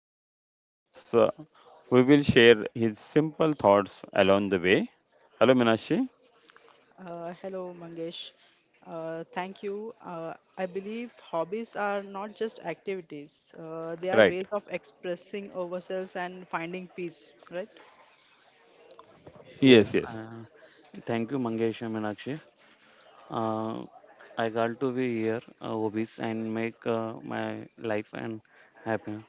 have Yuvraj with us, who will share his simple thoughts along the way. Hello, Minashi. Hello, Mangesh. Thank you. I believe hobbies are not just activities, they are Right. ways of expressing ourselves and finding peace, right? Yes, Yes, yes. Thank you, Mangesh and Meenakshi. Uh, I got to be here, hobbies, and make my life and happy.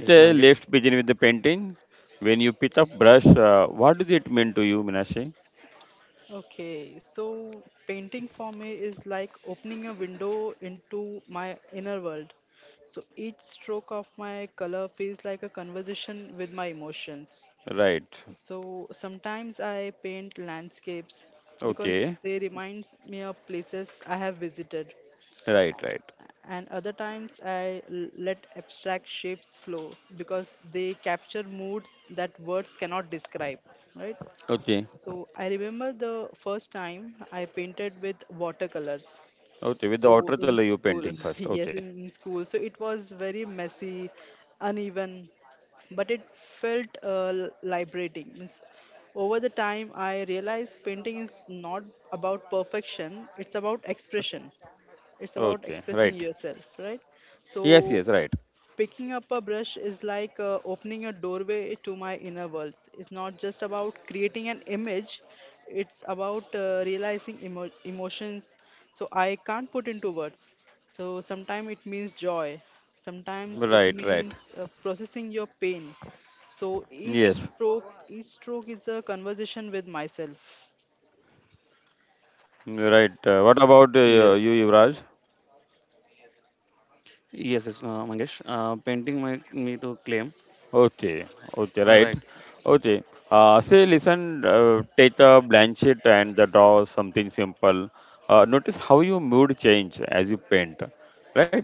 Yes, Mangesh. let's begin with the painting. When you pick up brush, what does it mean to you, Minashi? Okay, so painting for me is like opening a window into my inner world. So each stroke of my color feels like a conversation with my emotions. Right. So sometimes I paint landscapes because Okay. they reminds me of places I have visited, Right, right. and other times I let abstract shapes flow because they capture moods that words cannot describe, right? Okay. So I remember the first time I painted with watercolors. Okay. With the So water in color you school, painting first. yes, Okay. in school. So it was very messy, uneven, but it felt liberating. Means over the time, I realized painting is not about perfection, it's about expression, it's about Okay. Right. expressing yourself, right? So Yes, yes, right. picking up a brush is like opening a doorway to my inner worlds. It's not just about creating an image, it's about realizing emotions so I can't put into words. So sometimes it means joy, sometimes it Right, right. means processing your pain. So each Yes. stroke each stroke is a conversation with myself. Right. Yes, What about you, Yuvraj? Yes, Mangesh. Painting make me to claim. Okay. All right. Okay, um, right. Okay. Say, listen, take a blank sheet and the draw something simple. Notice how your mood change as you paint, right?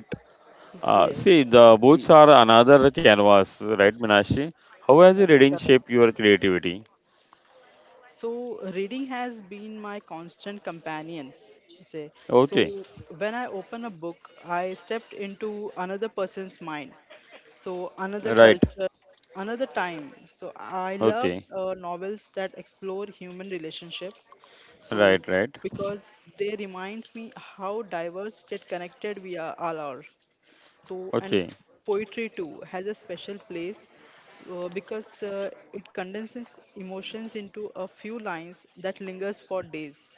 See, yes, the Y- boots are another canvas, right, Minashi? How has the correct, reading correct. shaped your creativity? So reading has been my constant companion. Say, Okay, so when I open a book, I stepped into another person's mind. So another right. culture, another time. So I love Okay, novels that explore human relationship. So right, right. because they reminds me how diverse yet connected we are, all are. So, and Okay, poetry too has a special place because it condenses emotions into a few lines that lingers for days.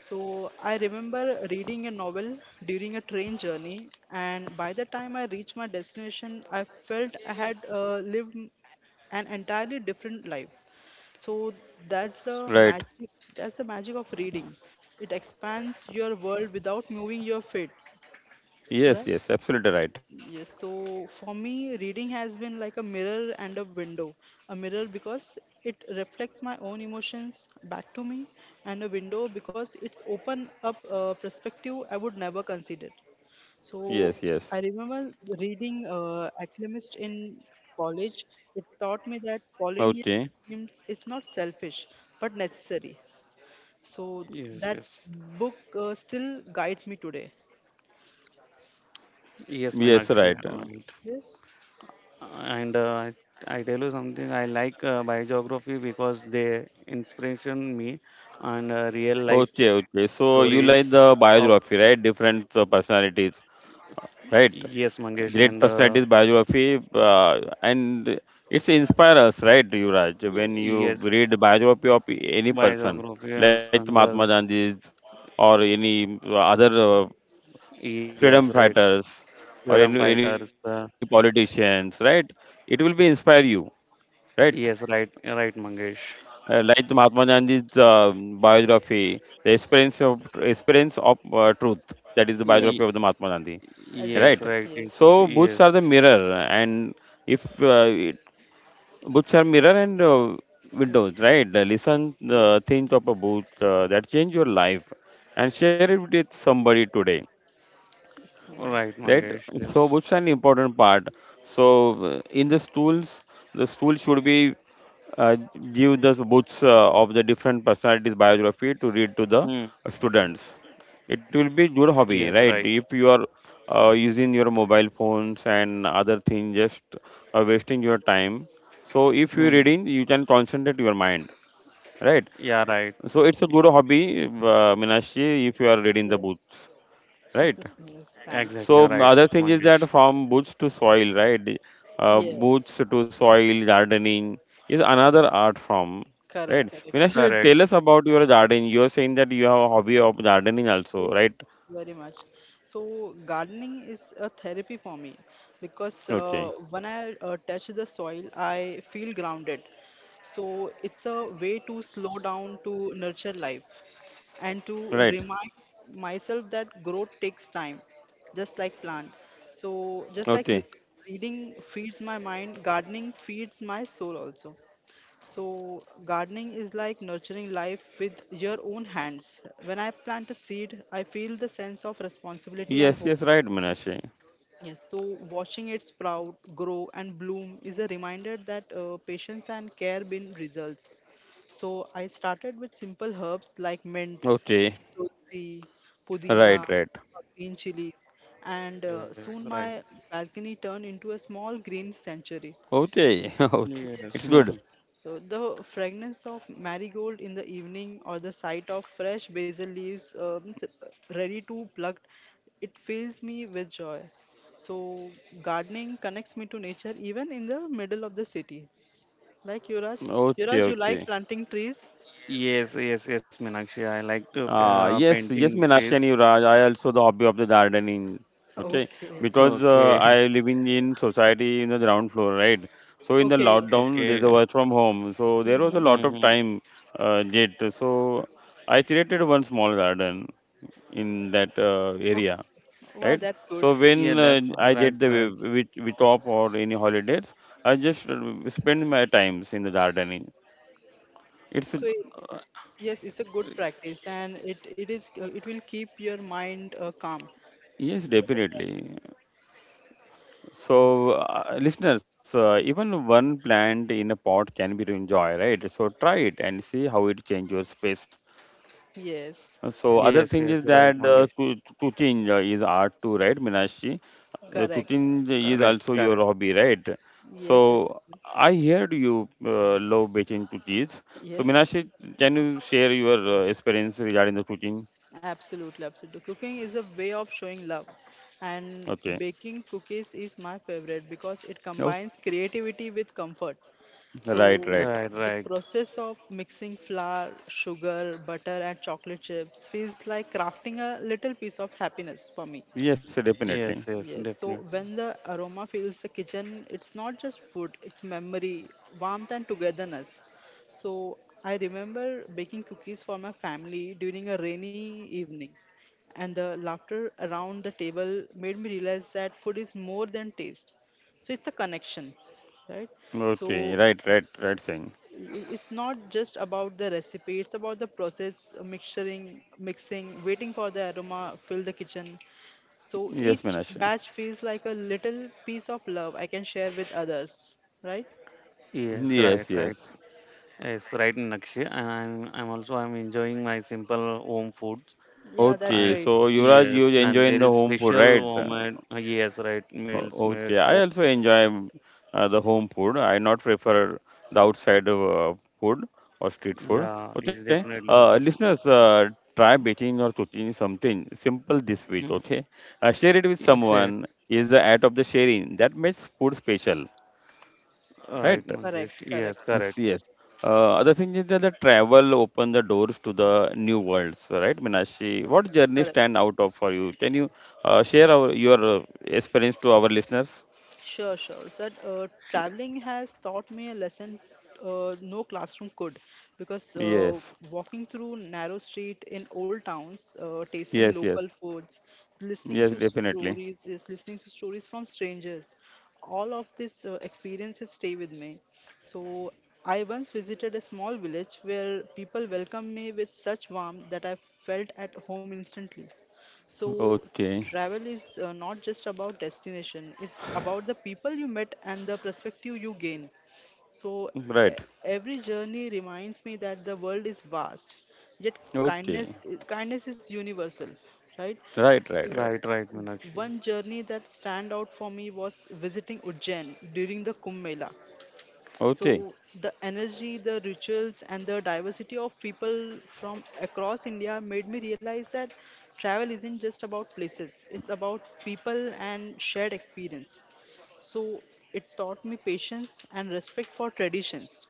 So, I remember reading a novel during a train journey, and by the time I reached my destination, I felt I had an entirely different life. So that's the right. magic. That's the magic of reading. It expands your world without moving your feet. Yes, Right? yes, absolutely right. Yes, so for me, reading has been like a mirror and a window. A mirror because it reflects my own emotions back to me, and a window because it's open up a perspective I would never consider. So Yes, yes. I remember reading Alchemist in college. It taught me that following your Okay, dreams is not selfish but necessary. So Yes, that yes, book still guides me today. yes, yes, Meenakshi. right. Right. Yes. And I tell you something. I like biography because they inspiration me and real life Okay, okay. stories So you like of the biography, right? Different personalities. Right yes, Mangesh and. great Uh, personalities biography and it's inspire us, right, Yuvraj? When you Yes. Yes, read biography of any person biography and like Mahatma Sandal. Gandhi's or any other Yes, freedom right. fighters Freedom or any fighters. Politicians, right, it will be inspire you, right? Yes, right, right, Mangesh. Like the Mahatma Gandhi's biography, the experience of truth. That is the biography Yes. of Y- the Mahatma Gandhi, yes, right? Exactly. right. Yes. So It's boots yes, are the mirror, and if it, boots are mirror and Mm. windows, right? The listen Yes. the things of a boot that change your life, and share it with somebody today, Mhm. right, right? Mangesh. So Yes. books are an important part. So in the stools, the stool should be uh, give the books of the different personalities biography to read to the Hmm. students. It will be good Yes, hobby, right. right? If you are using your mobile phones and other things, just wasting your time, so if you're Hmm. reading you can concentrate your mind, right? Yeah, right. So it's a Y- good hobby, Meenakshi, if you are reading the Yes. books, right? Yes. Thanks. Exactly So right, other thing is Mangesh. that from boots to soil, right? Yes. Boots to soil gardening is another art form, Correct. right? Correct. Minash, Correct. tell us about your gardening. You are saying that you have a hobby of gardening Yes, also, right? very much. So gardening is a therapy for me because Okay, when I touch the soil, I feel grounded. So it's a way to slow down, to nurture life, and to right. remind myself that growth takes time, just like plant. So just like Okay. Reading feeds my mind, gardening feeds my soul also. So, gardening is like nurturing life with your own hands. When I plant a seed, I feel the sense of responsibility and Yes, hope. yes, right, Minash. Yes. So, watching it sprout, grow, and bloom is a reminder that patience and care bring results. So, I started with simple herbs like mint, Okay, tulsi, right, pudina, right. green chilies, and Yes, soon right. my balcony turned into a small green sanctuary. Okay, okay. Yes. Yes. It's good. So the fragrance of marigold in the evening or the sight of fresh basil leaves ready to plucked, it fills me with joy. So gardening connects me to nature even in the middle of the city. Like Yuraj, Okay, you like okay. planting trees? Yes, yes, yes, Meenakshi. I like to Yes, painting yes, trees. Minash and Yuvraj, I also the hobby of the gardening. Okay, Okay, because Okay. I living in society in the ground floor, right? So in the okay. lockdown, there's Okay. a work from home, so there was a Hmm. lot of Mm-hmm. time yet. So I created one small garden in that Okay. area, Wow, right? that's good. So Yeah, when that's why, I right, get the right. with off or any holidays, I just spend my times in the gardening. It's So it- Uh, yes, it's a good practice, and it is it will keep your mind calm. yes, definitely. So, listeners, even one plant in a pot can be to enjoy, right? So try it and see how it changes your space. Yes, So other Yes, yes, thing is right, that Mangesh. Tutin is art too, right, Minashi? Correct. Tutin is Correct, also correct. your hobby, right? Yes, yes, So yes. I heard you love baking tutins. So Yes, Minashi, can you share your experience regarding the tutin? absolutely, absolutely. Cooking is a way of showing love, and Okay. baking cookies is my favorite because it Oh, combines creativity with comfort. right, So, right. Right, the right. process of mixing flour, sugar, butter, and chocolate chips feels like crafting a little piece of happiness for me. Yes, definitely. Yes, yes, Yes, so definitely. when the aroma fills the kitchen, it's not just food, it's memory, warmth, and togetherness. So I remember baking cookies for my family during a rainy evening, and the laughter around the table made me realize that food is more than taste. So it's a connection, right? So Okay, right, right, right saying. It's not just about the recipe, it's about the process, mixing, waiting for the aroma, fill the kitchen, so Yes, each Minashi. batch feels like a little piece of love I can share with others, right? Yes, right, Yes, right. yes. Yes, right, Nakshi. And I'm also I'm enjoying my simple home foods. Yeah, that's Okay, I great. so Yuvraj, you Yes, and enjoying there the is home food, special right? home and yes, right, meals Okay, made. I So also enjoy the home food. I not prefer the outside food or street food. yeah, it's Okay, definitely because listeners, try baking or cooking something simple this week. mm, Okay, share it with yes, yeah, someone. Is the act of the sharing that makes food special, right, right? Correct, Mangesh. correct, Yes, Yes, correct. yes. Other thing is that the travel open the doors to the new worlds, right, Minashi? What journey correct. stand out of for you? Can you share your experience to our listeners? Sure, sure. So, traveling has taught me a lesson no classroom could because Yes, walking through narrow street in old towns, tasting yes, local yes, foods, yes, definitely. Listening to stories from strangers. All of these experiences stay with me. So, I once visited a small village where people welcomed me with such warmth that I felt at home instantly. So, Okay, travel is not just about destination, it's about the people you met and the perspective you gain. So, e- right. every journey reminds me that the world is vast, yet Okay, kindness is universal, right? right, right, So, right. Right, right, Meenakshi. one journey that stand out for me was visiting Ujjain during the Kumbh Mela. Okay, So the energy, the rituals, and the diversity of people from across India made me realize that travel isn't just about places, it's about people and shared experience. So it taught me patience and respect for traditions.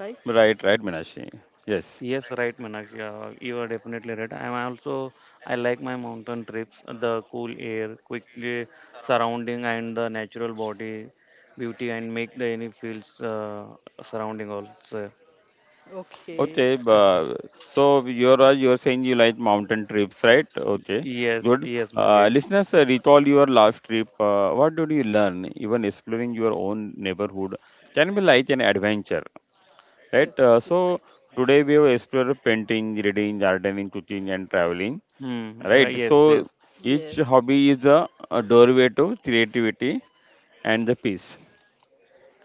Right? right, right, Minashi. Yes. Yes, right, Manak. Yeah, you are definitely right. I'm also I like my mountain trips, the cool air, quickly surrounding, and the natural body beauty, and make the any fields surrounding also. Okay. Okay, but so you're saying you like mountain trips, right? Okay, Yes, good. yes, Mangesh. Listeners, recall your last trip. What did you learn? Even exploring your own neighborhood can be like an adventure, right? Yes. It's So like, today we will explore painting, reading, gardening, cooking, and traveling, Hmm. Right. right? Yes, So yes. each yes. hobby is a doorway to creativity and the peace.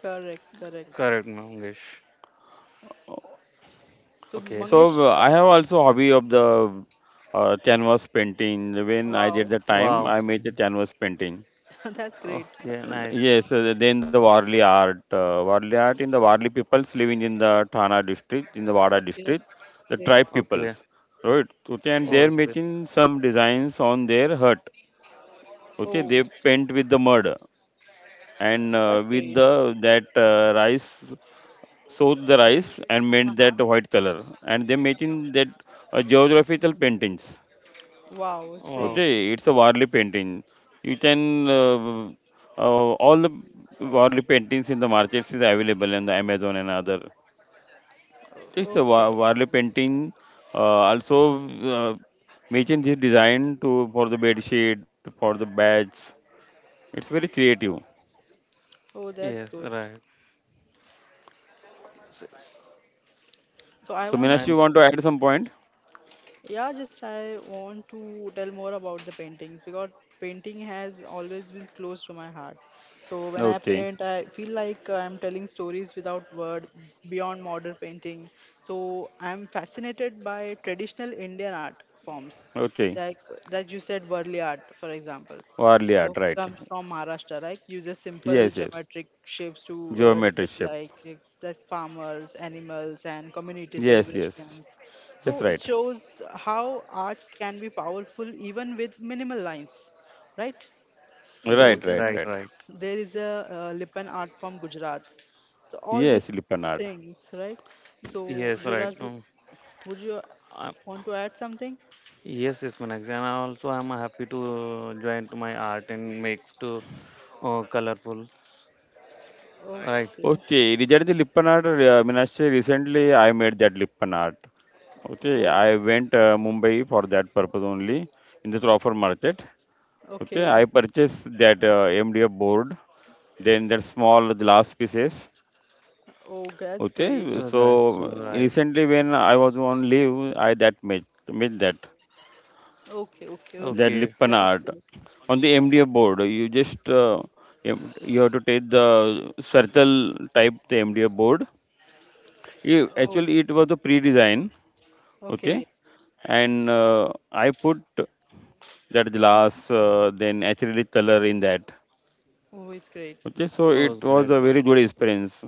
Correct. Correct. Correct, Mangesh. So Okay. Mangesh, So I have also hobby of the canvas painting. When I did wow, the time, Wow. I made the canvas painting. that's great. Okay. Nice. Yes, then the Warli art in the Warli peoples living in the Thana district, in the Wada Okay. district, the Okay. tribe Okay. peoples, right? Okay, and Oh, Oh, they're yes. making some designs on their hut. Okay, they oh, paint with the mud and that's with great. the that rice, soak the rice and made Uh-huh. that white color, and they making that geographical paintings. Wow, it's great. Wow. Okay, it's a Warli painting. You can all the Warli paintings in the markets is available in the Amazon and other. Okay, it's a Okay. Warli painting. Also, uh, making this design to for the bed sheet for the beds. It's very creative. Oh, that's Yes. good. Right. Yes. Yes. So I So, want Minash, to. you And want to add some point? Yeah, just I want to tell more about the paintings because painting has always been close to my heart. So when I Okay, paint, I feel like I'm telling stories without word beyond modern painting. So I'm fascinated by traditional Indian art forms, okay. like that you said, Burli art, for example. Warli So art, right? comes from Maharashtra, right? Uses simple Yes, yes. geometric shapes to Geometry depict shape. like that farmers, animals, and community Yes, yes. celebrations, Yes, so it right. shows how arts can be powerful even with minimal lines, right? So Right, yes. right, then Right. right. Right. there is a Lipan art from Gujarat. So all Yes, these Lipan art. things, right? So Yes. Right. Yuvraj, would you want to add something? Yes, yes, Manax, and I also am happy to join to my art and makes to colorful. Right, Okay. Okay, regarding the Lipan art, Meenakshi, recently I made that Lipan art. Okay, Oh, I went Mumbai for that purpose only in the offer market. Okay, okay. I purchased that MDF board, then that small glass pieces. Oh, that's great. Okay, that's so all right. recently when I was on leave, I that made made that Okay, okay. Oh, that Okay, Lipan that's art great. on the MDF board. You just you have to take the circle type the MDF board. Yeah, Oh, actually, it was a pre-design, okay. okay, and I put that glass, then acrylic color in that. Oh, it's great. Okay, so oh it was great, a very good nice. experience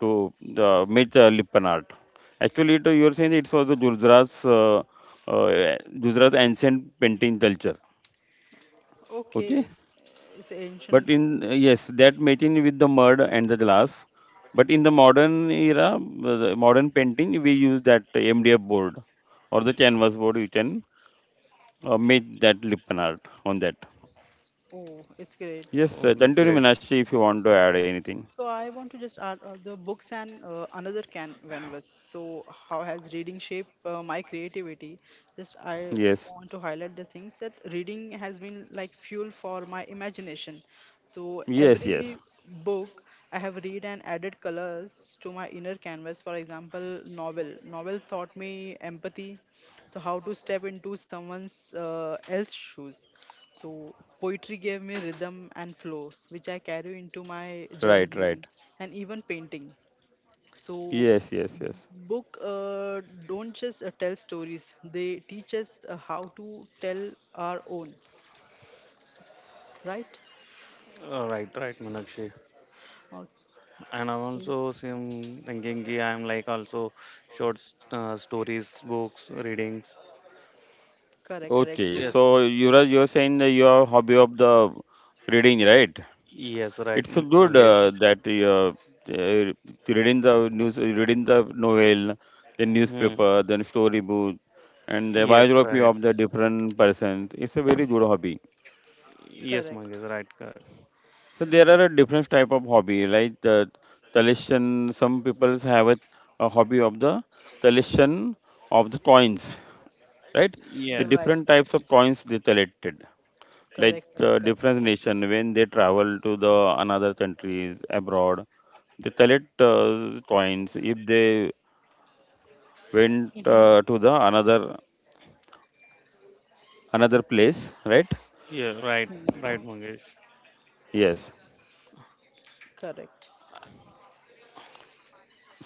to make the Lipan art. Actually, it, you're saying it was the Gujarat's Gujarat ancient painting culture. Okay, Okay. It's but ancient. in yes, that matching with the mud and the glass. But in the modern era, the modern painting, we use that MDF board or the canvas board. You can make that Lipton art on that. Oh, it's great. Oh Yes, great. continue Meenakshi if you want to add anything. So I want to just add the books and another canvas. So how has reading shaped my creativity? Just I Yes, want to highlight the things that reading has been like fuel for my imagination. So yes, yes. every book I have read and added colors to my inner canvas. For example, novel. Novel taught me empathy, so how to step into someone's else's shoes. So poetry gave me rhythm and flow, which I carry into my Right, right. journaling and even painting. So Yes, yes, yes. book don't just tell stories; they teach us how to tell our own, right? All right, right, Manakshi. Uh, And I'm so also same thinking. Ki I'm like also short stories, books, readings. Correct, correct. Okay. So So Yes, Yuvraj, you're saying that your hobby of the reading, right? yes, right, It's a good Mangesh. That uh, reading the news, reading the novel, the Hmm. newspaper, then storybook, and the Yes, biography right. of the different persons. It's a very good hobby. Yes, correct. Mangesh, right. Correct. So there are a different type of hobby, like the collection. Some people have a hobby of the collection of the coins, right? The You're right, Yes, different right. types of coins they collected. Like Correct, correct, correct, different correct. nation when they travel to the another countries abroad, they collect coins if they went Mm-hmm. To the another another place, right? yeah, right, Mm-hmm. right, Mangesh. Yes, Correct.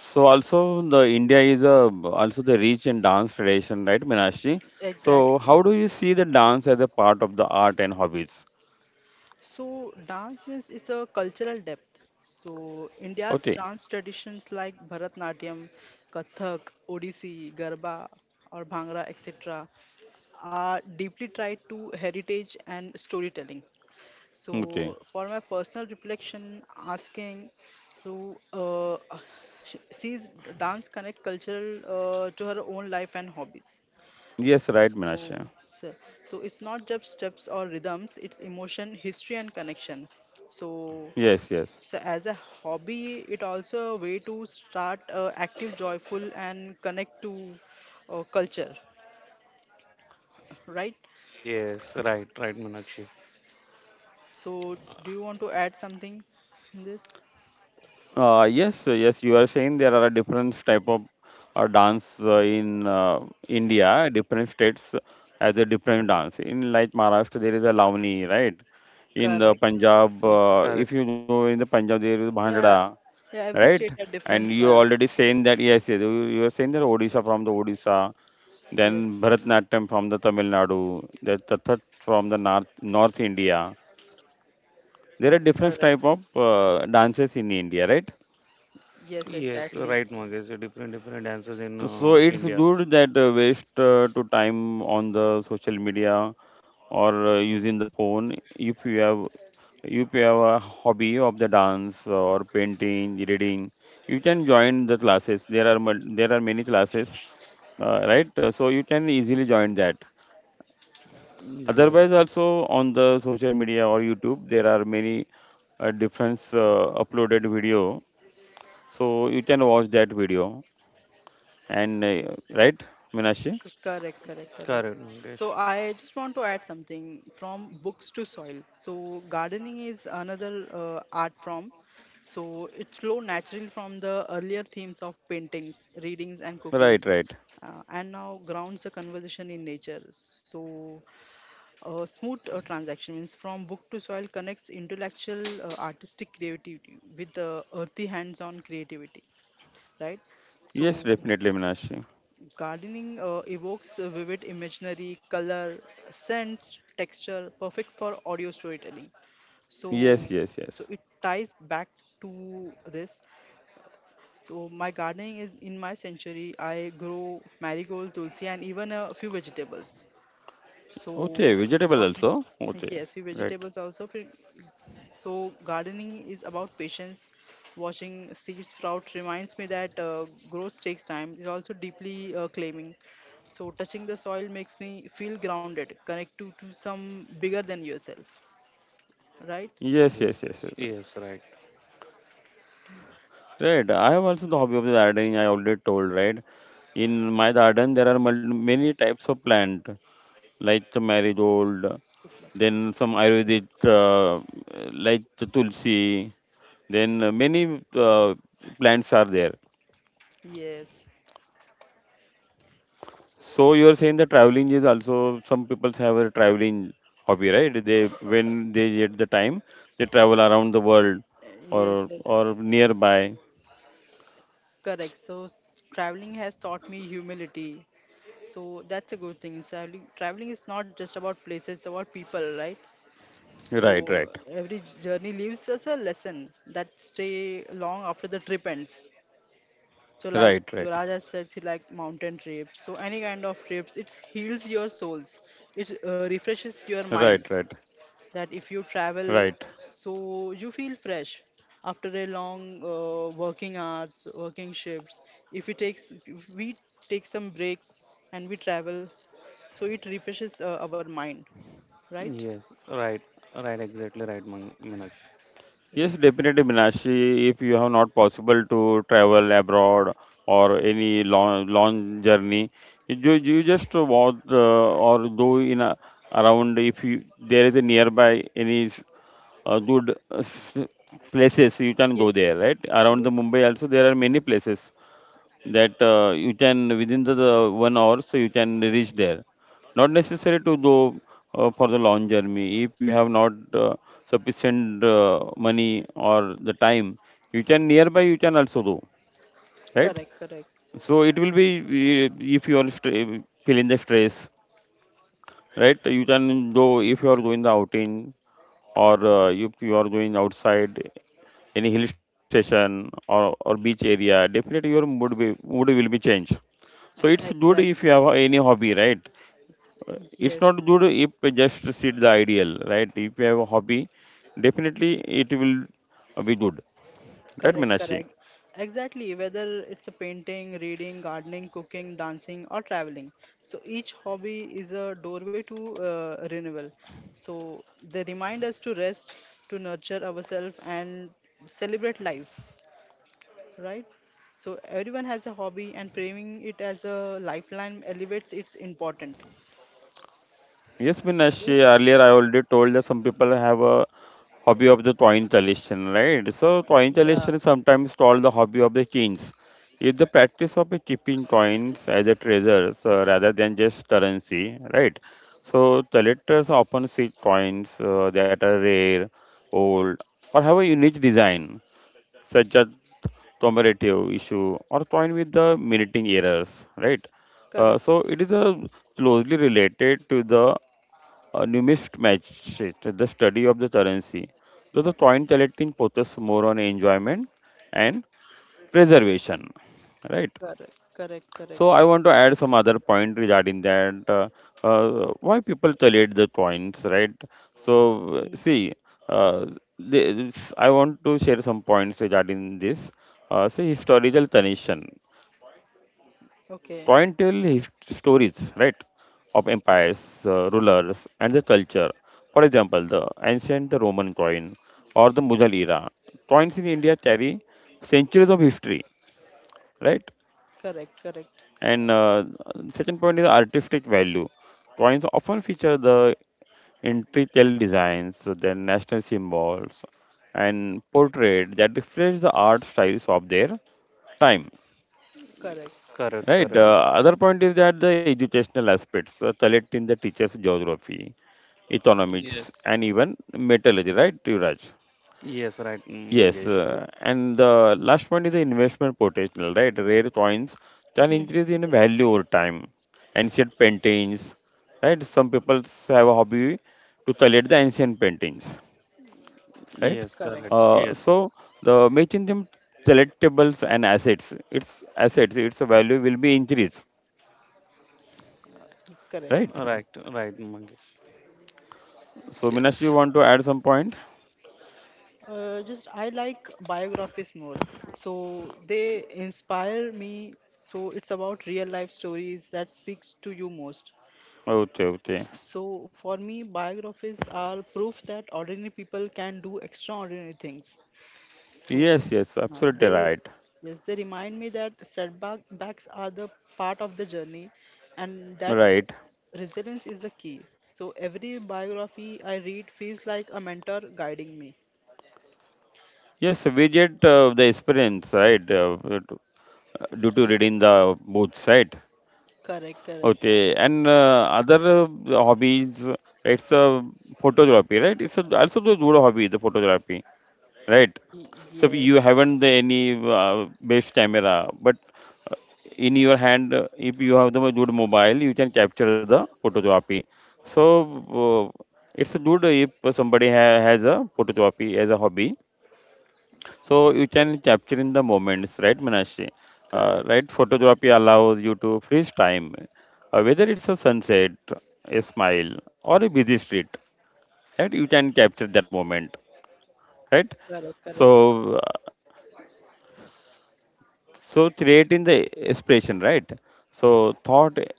so also the India is also the rich in dance tradition, right, Minashi? So Exactly. how do you see the dance as a part of the art and hobbies? So, dance means it's a cultural depth. So, Okay. India's dance traditions like Bharatnatyam, Kathak, Odissi, Garba, or Bhangra, etc., are deeply tied to heritage and storytelling. Okay, So, for my personal reflection, asking to she sees dance connect cultural to her own life and hobbies. yes, right, Minashi. Oh, so, so it's not just steps or rhythms, it's emotion, history, and connection. So, Yes, yes. so as a hobby, it also a way to start active, joyful, and connect to culture, right? Yes, right, right, Manakshi. So, do you want to add something in this? Yes, yes, you are saying there are different type of dance in India, different states has a different dance. In like Maharashtra, there is a Lavani, right? In the Correct. Punjab, Correct. If you know in the Punjab, there is Yeah, Bhangra, yeah. Every right? state had And different you stance. already saying that, yes, yes, you are saying that Odisha from the Odisha, Yes, then Bharatnatyam from the Tamil Nadu, the Tathat from the North India. There are different type correct. of dances in India, right? Yes, Yes, right, exactly. Mangesh. Different, different dances in So it's India. good that waste to time on the social media or using the phone. If you have a hobby of the dance or painting, reading, you can join the classes. There are there are many classes, right? So you can easily join that. Yes, Otherwise, also on the social media or YouTube, there are many different uploaded video. So you can watch that video and right, Minashi? Correct, correct, correct. correct, Mangesh. So I just want to add something from books to soil. So gardening is another art form. So it flow naturally from the earlier themes of paintings, readings, and Right, cookings, right. And now grounds the conversation in nature. So a smooth transaction means from book to soil connects intellectual, artistic creativity with the earthy hands-on creativity, right? Yes, So definitely, Minashi. gardening evokes a vivid imaginary, color, scents, texture, perfect for audio storytelling. Yes, So, yes, yes. so it ties back to this. So my gardening is in my sanctuary. I grow marigold, tulsi, and even a few vegetables. So Okay, for vegetable me, also. Okay, yes, few right. vegetables also. So, gardening is about patience. Watching seeds sprout reminds me that growth takes time. It's also deeply claiming. So, touching the soil makes me feel grounded, connected to some bigger than yourself, right? Yes, yes, Yes, yes, yes. yes, Yes. yes, right. Right. I have also the hobby of the gardening. I already told, right? In my garden, there are many types of plant, like the marigold, then some Ayurvedic, like the tulsi. Then many plants are there. Yes, So you are saying the traveling is also some people have a traveling hobby, right? They when they get the time, they travel around the world uh, yes, or yes, nearby. correct. So, traveling has taught me humility. So, that's a good thing. Traveling, traveling is not just about places, it's about people, right? Right, So right, every journey leaves us a lesson that stay long after the trip ends. So like right, right, Yuvraj has said, he like mountain trips. So any kind of trips, it heals your souls. It refreshes your right, mind. right, That if you right. travel, so you feel fresh after a long working hours, working shifts. If we take some breaks and we travel, so it refreshes our mind, right? Yes, right, right, exactly right, Manakshi. Yes, Yes. definitely, Minashi. If you have not possible to travel abroad or any long journey, you just walk or go in a, around if you there is a nearby any good places you can go Yes, there, right? Around the yes, we Mumbai can. also there are many places that you can within the 1 hour so you can reach there. Not necessary to go for the long journey if you have not uh, sufficient money or the time. You can nearby you can also go, right? Correct, correct. So it will be uh, if you are feeling the stress, right? You can go if you are going the outing or if you are going outside any hill station or beach area, definitely your mood will be changed. So it's good if you Exactly. have any hobby, right? It's Yes, not good if you just sit the ideal, right? If you have a hobby, definitely it will be good, right, correct, Minashi? correct. Exactly. Whether it's a painting, reading, gardening, cooking, dancing, or traveling. So each hobby is a doorway to renewal. So they remind us to rest, to nurture ourselves, and celebrate life, right? So everyone has a hobby, and framing it as a lifeline elevates its importance. Yes, Minashi, Yes. earlier I already told that some people have a hobby of the coin collection, right? So coin Yeah. collection is sometimes called the hobby of the kings. It's the practice of a keeping coins as a treasures, rather than just currency, right? So collectors often seek coins that are rare, old, or have a unique design, such as commemorative issue or coin with the minting errors, right? Correct, So it is closely related to the numismatist, the study of the currency. So the coin collecting focuses more on enjoyment and preservation, right? correct, correct, correct. So I want to add some other point regarding that. Why people collect the points, right? So Mm. see, uh, this, I want to share some points regarding this. See, historical connection. Point tell Okay. stories, right? Of empires, rulers, and the culture. For example, the ancient Roman coin or the Mughal era. Coins in India carry centuries of history, right? Correct, correct, And second point is artistic value. Coins often feature the intricate designs, their national symbols, and portrait that reflects the art styles of their time. Yes, correct. correct, Right. The correct, Mangesh. other point is that the educational aspects, collect in the teacher's geography, economics, Yes, and even metallurgy. Right, Yuvraj? yes, right, Yes, Mangesh. And the last one is the investment potential, right? Rare coins can Mhm. increase in Yes, value over time. Ancient paintings, right? Some people have a hobby to collect the ancient paintings, right? Yes, correct. correct, Yes, So the making them collectibles and assets, its value will be increased, correct. right? right, right, Mangesh. So Minash, you Yes, want to add some point? Just I like biographies more. So they inspire me. So it's about real life stories that speaks to you most. Okay, okay. So for me, biographies are proof that ordinary people can do extraordinary things. So Yes, yes, absolutely they right. yes, they remind me that setbacks are the part of the journey, and that Right. resilience is the key. So every biography I read feels like a mentor guiding me. Yes, we get the experience, right? Due to Ye- reading the books, right? Correct, correct. Okay, and other hobbies, it's a photography, right? It's a, also a good hobby, the photography, right? So you Yes, haven't the any best camera, but uh, in your hand, if you have the good mobile, you can capture the photography. So uh, it's good if somebody has a photography as a hobby so you can yes. capture in the moments, right, Manashi? Correct, Right, photography allows you to freeze time, whether it's a sunset, a smile, or a busy street. Right, you can capture that moment, right? correct, correct, So, so creating the expression, right? So thought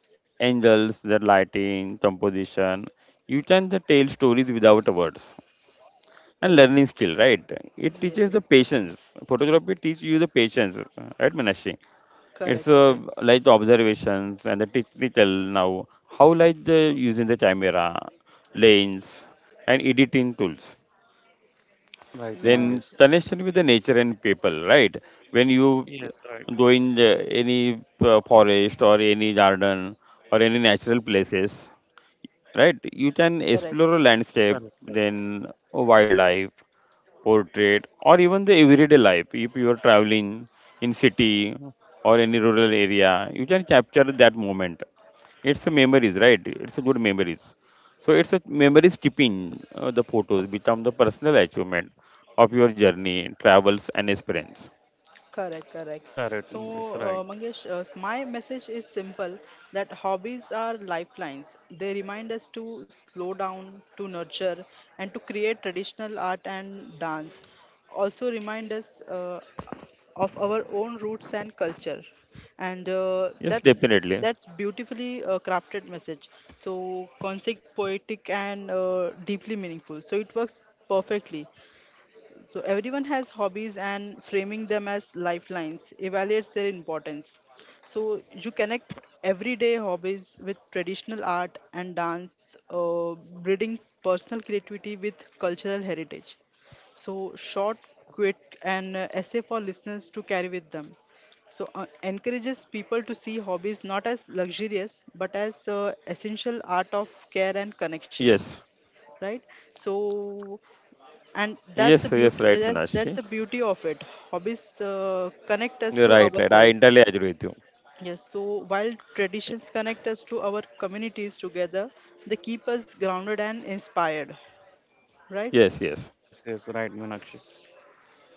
angles, the lighting, composition, you can the tell stories without a words. And correct. learning skill, right? It teaches Yes, the patience. Photography teaches you the patience, right, Manashi? It's correct, correct. like the observations and the technical now. How like the using the camera, lens, and editing tools. right, Yeah, Then Mangesh. connection with the nature and people, right? When you Yes, right, doing the, any forest or any garden or any natural places, right? You can correct. explore a landscape, correct, then wildlife, portrait, or even the everyday life. If you are traveling in city or any rural area, you can capture that moment. It's a memories, right? It's a good memories. So it's a memories keeping, the photos become the personal achievement of your journey, travels, and experience. Correct, correct. correct, correct, So, Mangesh. Right. Mangesh, my message is simple that hobbies are lifelines. They remind us to slow down, to nurture, and to create traditional art and dance. Also, remind us of our own roots and culture. And Yes, definitely. that's beautifully crafted message. So, concise, poetic, and deeply meaningful. So, it works perfectly, so everyone has hobbies and framing them as lifelines evaluates their importance. So you connect everyday hobbies with traditional art and dance, breeding personal creativity with cultural heritage. So short, quick, and essay for listeners to carry with them. So encourages people to see hobbies not as luxurious but as essential art of care Yes, and connections, right? So yes, and yes, that's right, the beauty, Minashi. That's the beauty of it. Hobbies connect us Right, to right. I ourselves, entirely agree with you. yes, so while traditions connect us to our communities together, they keep us grounded and inspired, right? Yes, yes. Yes, yes, right, Manakshi.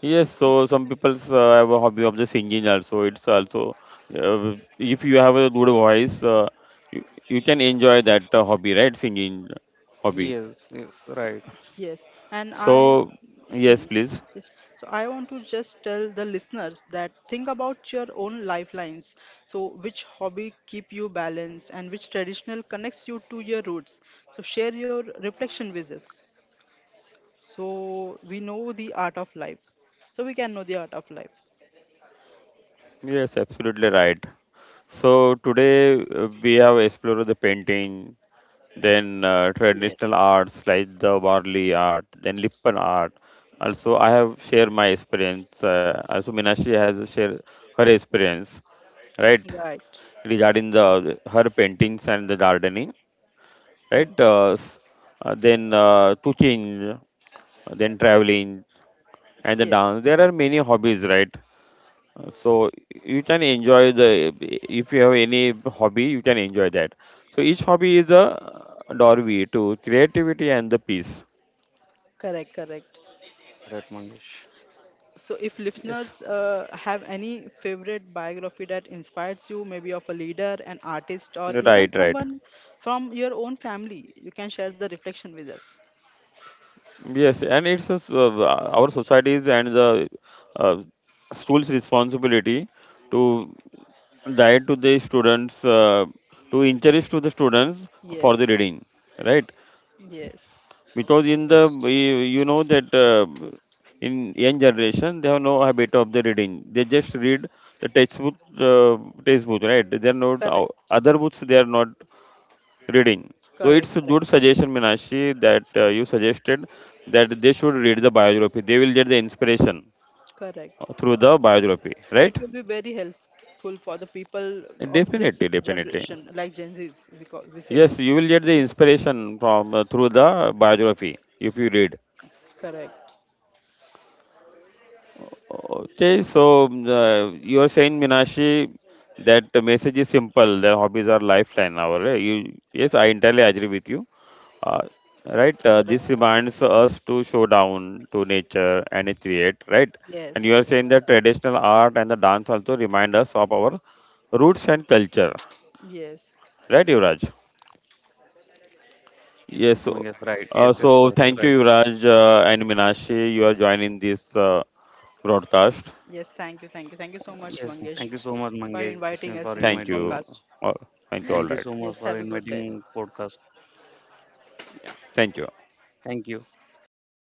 Yes, so some people have a hobby of the singing also. It's also if you have a good voice, you, you can enjoy that hobby, right? Singing hobby. Yes, yes, right. Yes, and I So hmm, yes, please. yes. So I want to just tell the listeners that think about your own lifelines, so which hobby keep you balanced and which traditional connects you to your roots. So share your reflection with us. So we know the art of life. So we can know the art of life. Yes, absolutely right. So today we have explored the painting, then Yes. traditional arts like the Varli art, then Lippan art. Also, I have shared my experience. Also, Minashi has shared her experience, right? Right. Regarding the her paintings and the gardening, right? Then to change, then traveling and the Yes. dance. There are many hobbies, right? So you can enjoy the if you have any hobby, you can enjoy that. So each hobby is a doorway to creativity and the peace. Correct. Correct. Correct, Mangesh. So if Yes, listeners have any favorite biography that inspires you, maybe of a leader, an artist, or even Right, right. someone from your own family, you can share the reflection with us. Yes, and it's a, our societies and the uh, schools' responsibility to guide to the students to encourage to the students for the Yes. reading, right? Yes. Because in the, yes, you know that in young generation they have no habit of the reading. They just read the textbook, uh, textbook, right? They are not Correct. other books they are not reading. So Correct. it's a good Correct. suggestion, Minashi, that you suggested that they should read the biography. They will get the inspiration Correct. Through the biography, It right? will be very helpful for the people of this Definitely, definitely. generation, like Gen Zs, we say. Yes, you will get the inspiration from through the biography if you read. Correct. Okay, so you are saying, Minashi, that the message is simple. Their hobbies are lifeline. Our yes, I entirely agree with you. Uh, right, Correct. this reminds us to show down to nature and it create. Right, and Yes, you are saying that traditional art and the dance also remind us of our roots and culture. yes, yes, Right, Yuvraj? yes, Yes. So, Mangesh, right. Yes, yes, so sorry, right. thank you, Yuvraj, and Minashi. You are joining this broadcast. yes. Thank you so much, Yes, thank Mangesh, you so much, for Mangesh, for inviting us in this Thank inviting. you. podcast. All, Thank you thank you. so All much right. for Yes, have a good inviting day. podcast. Thank you. Thank you.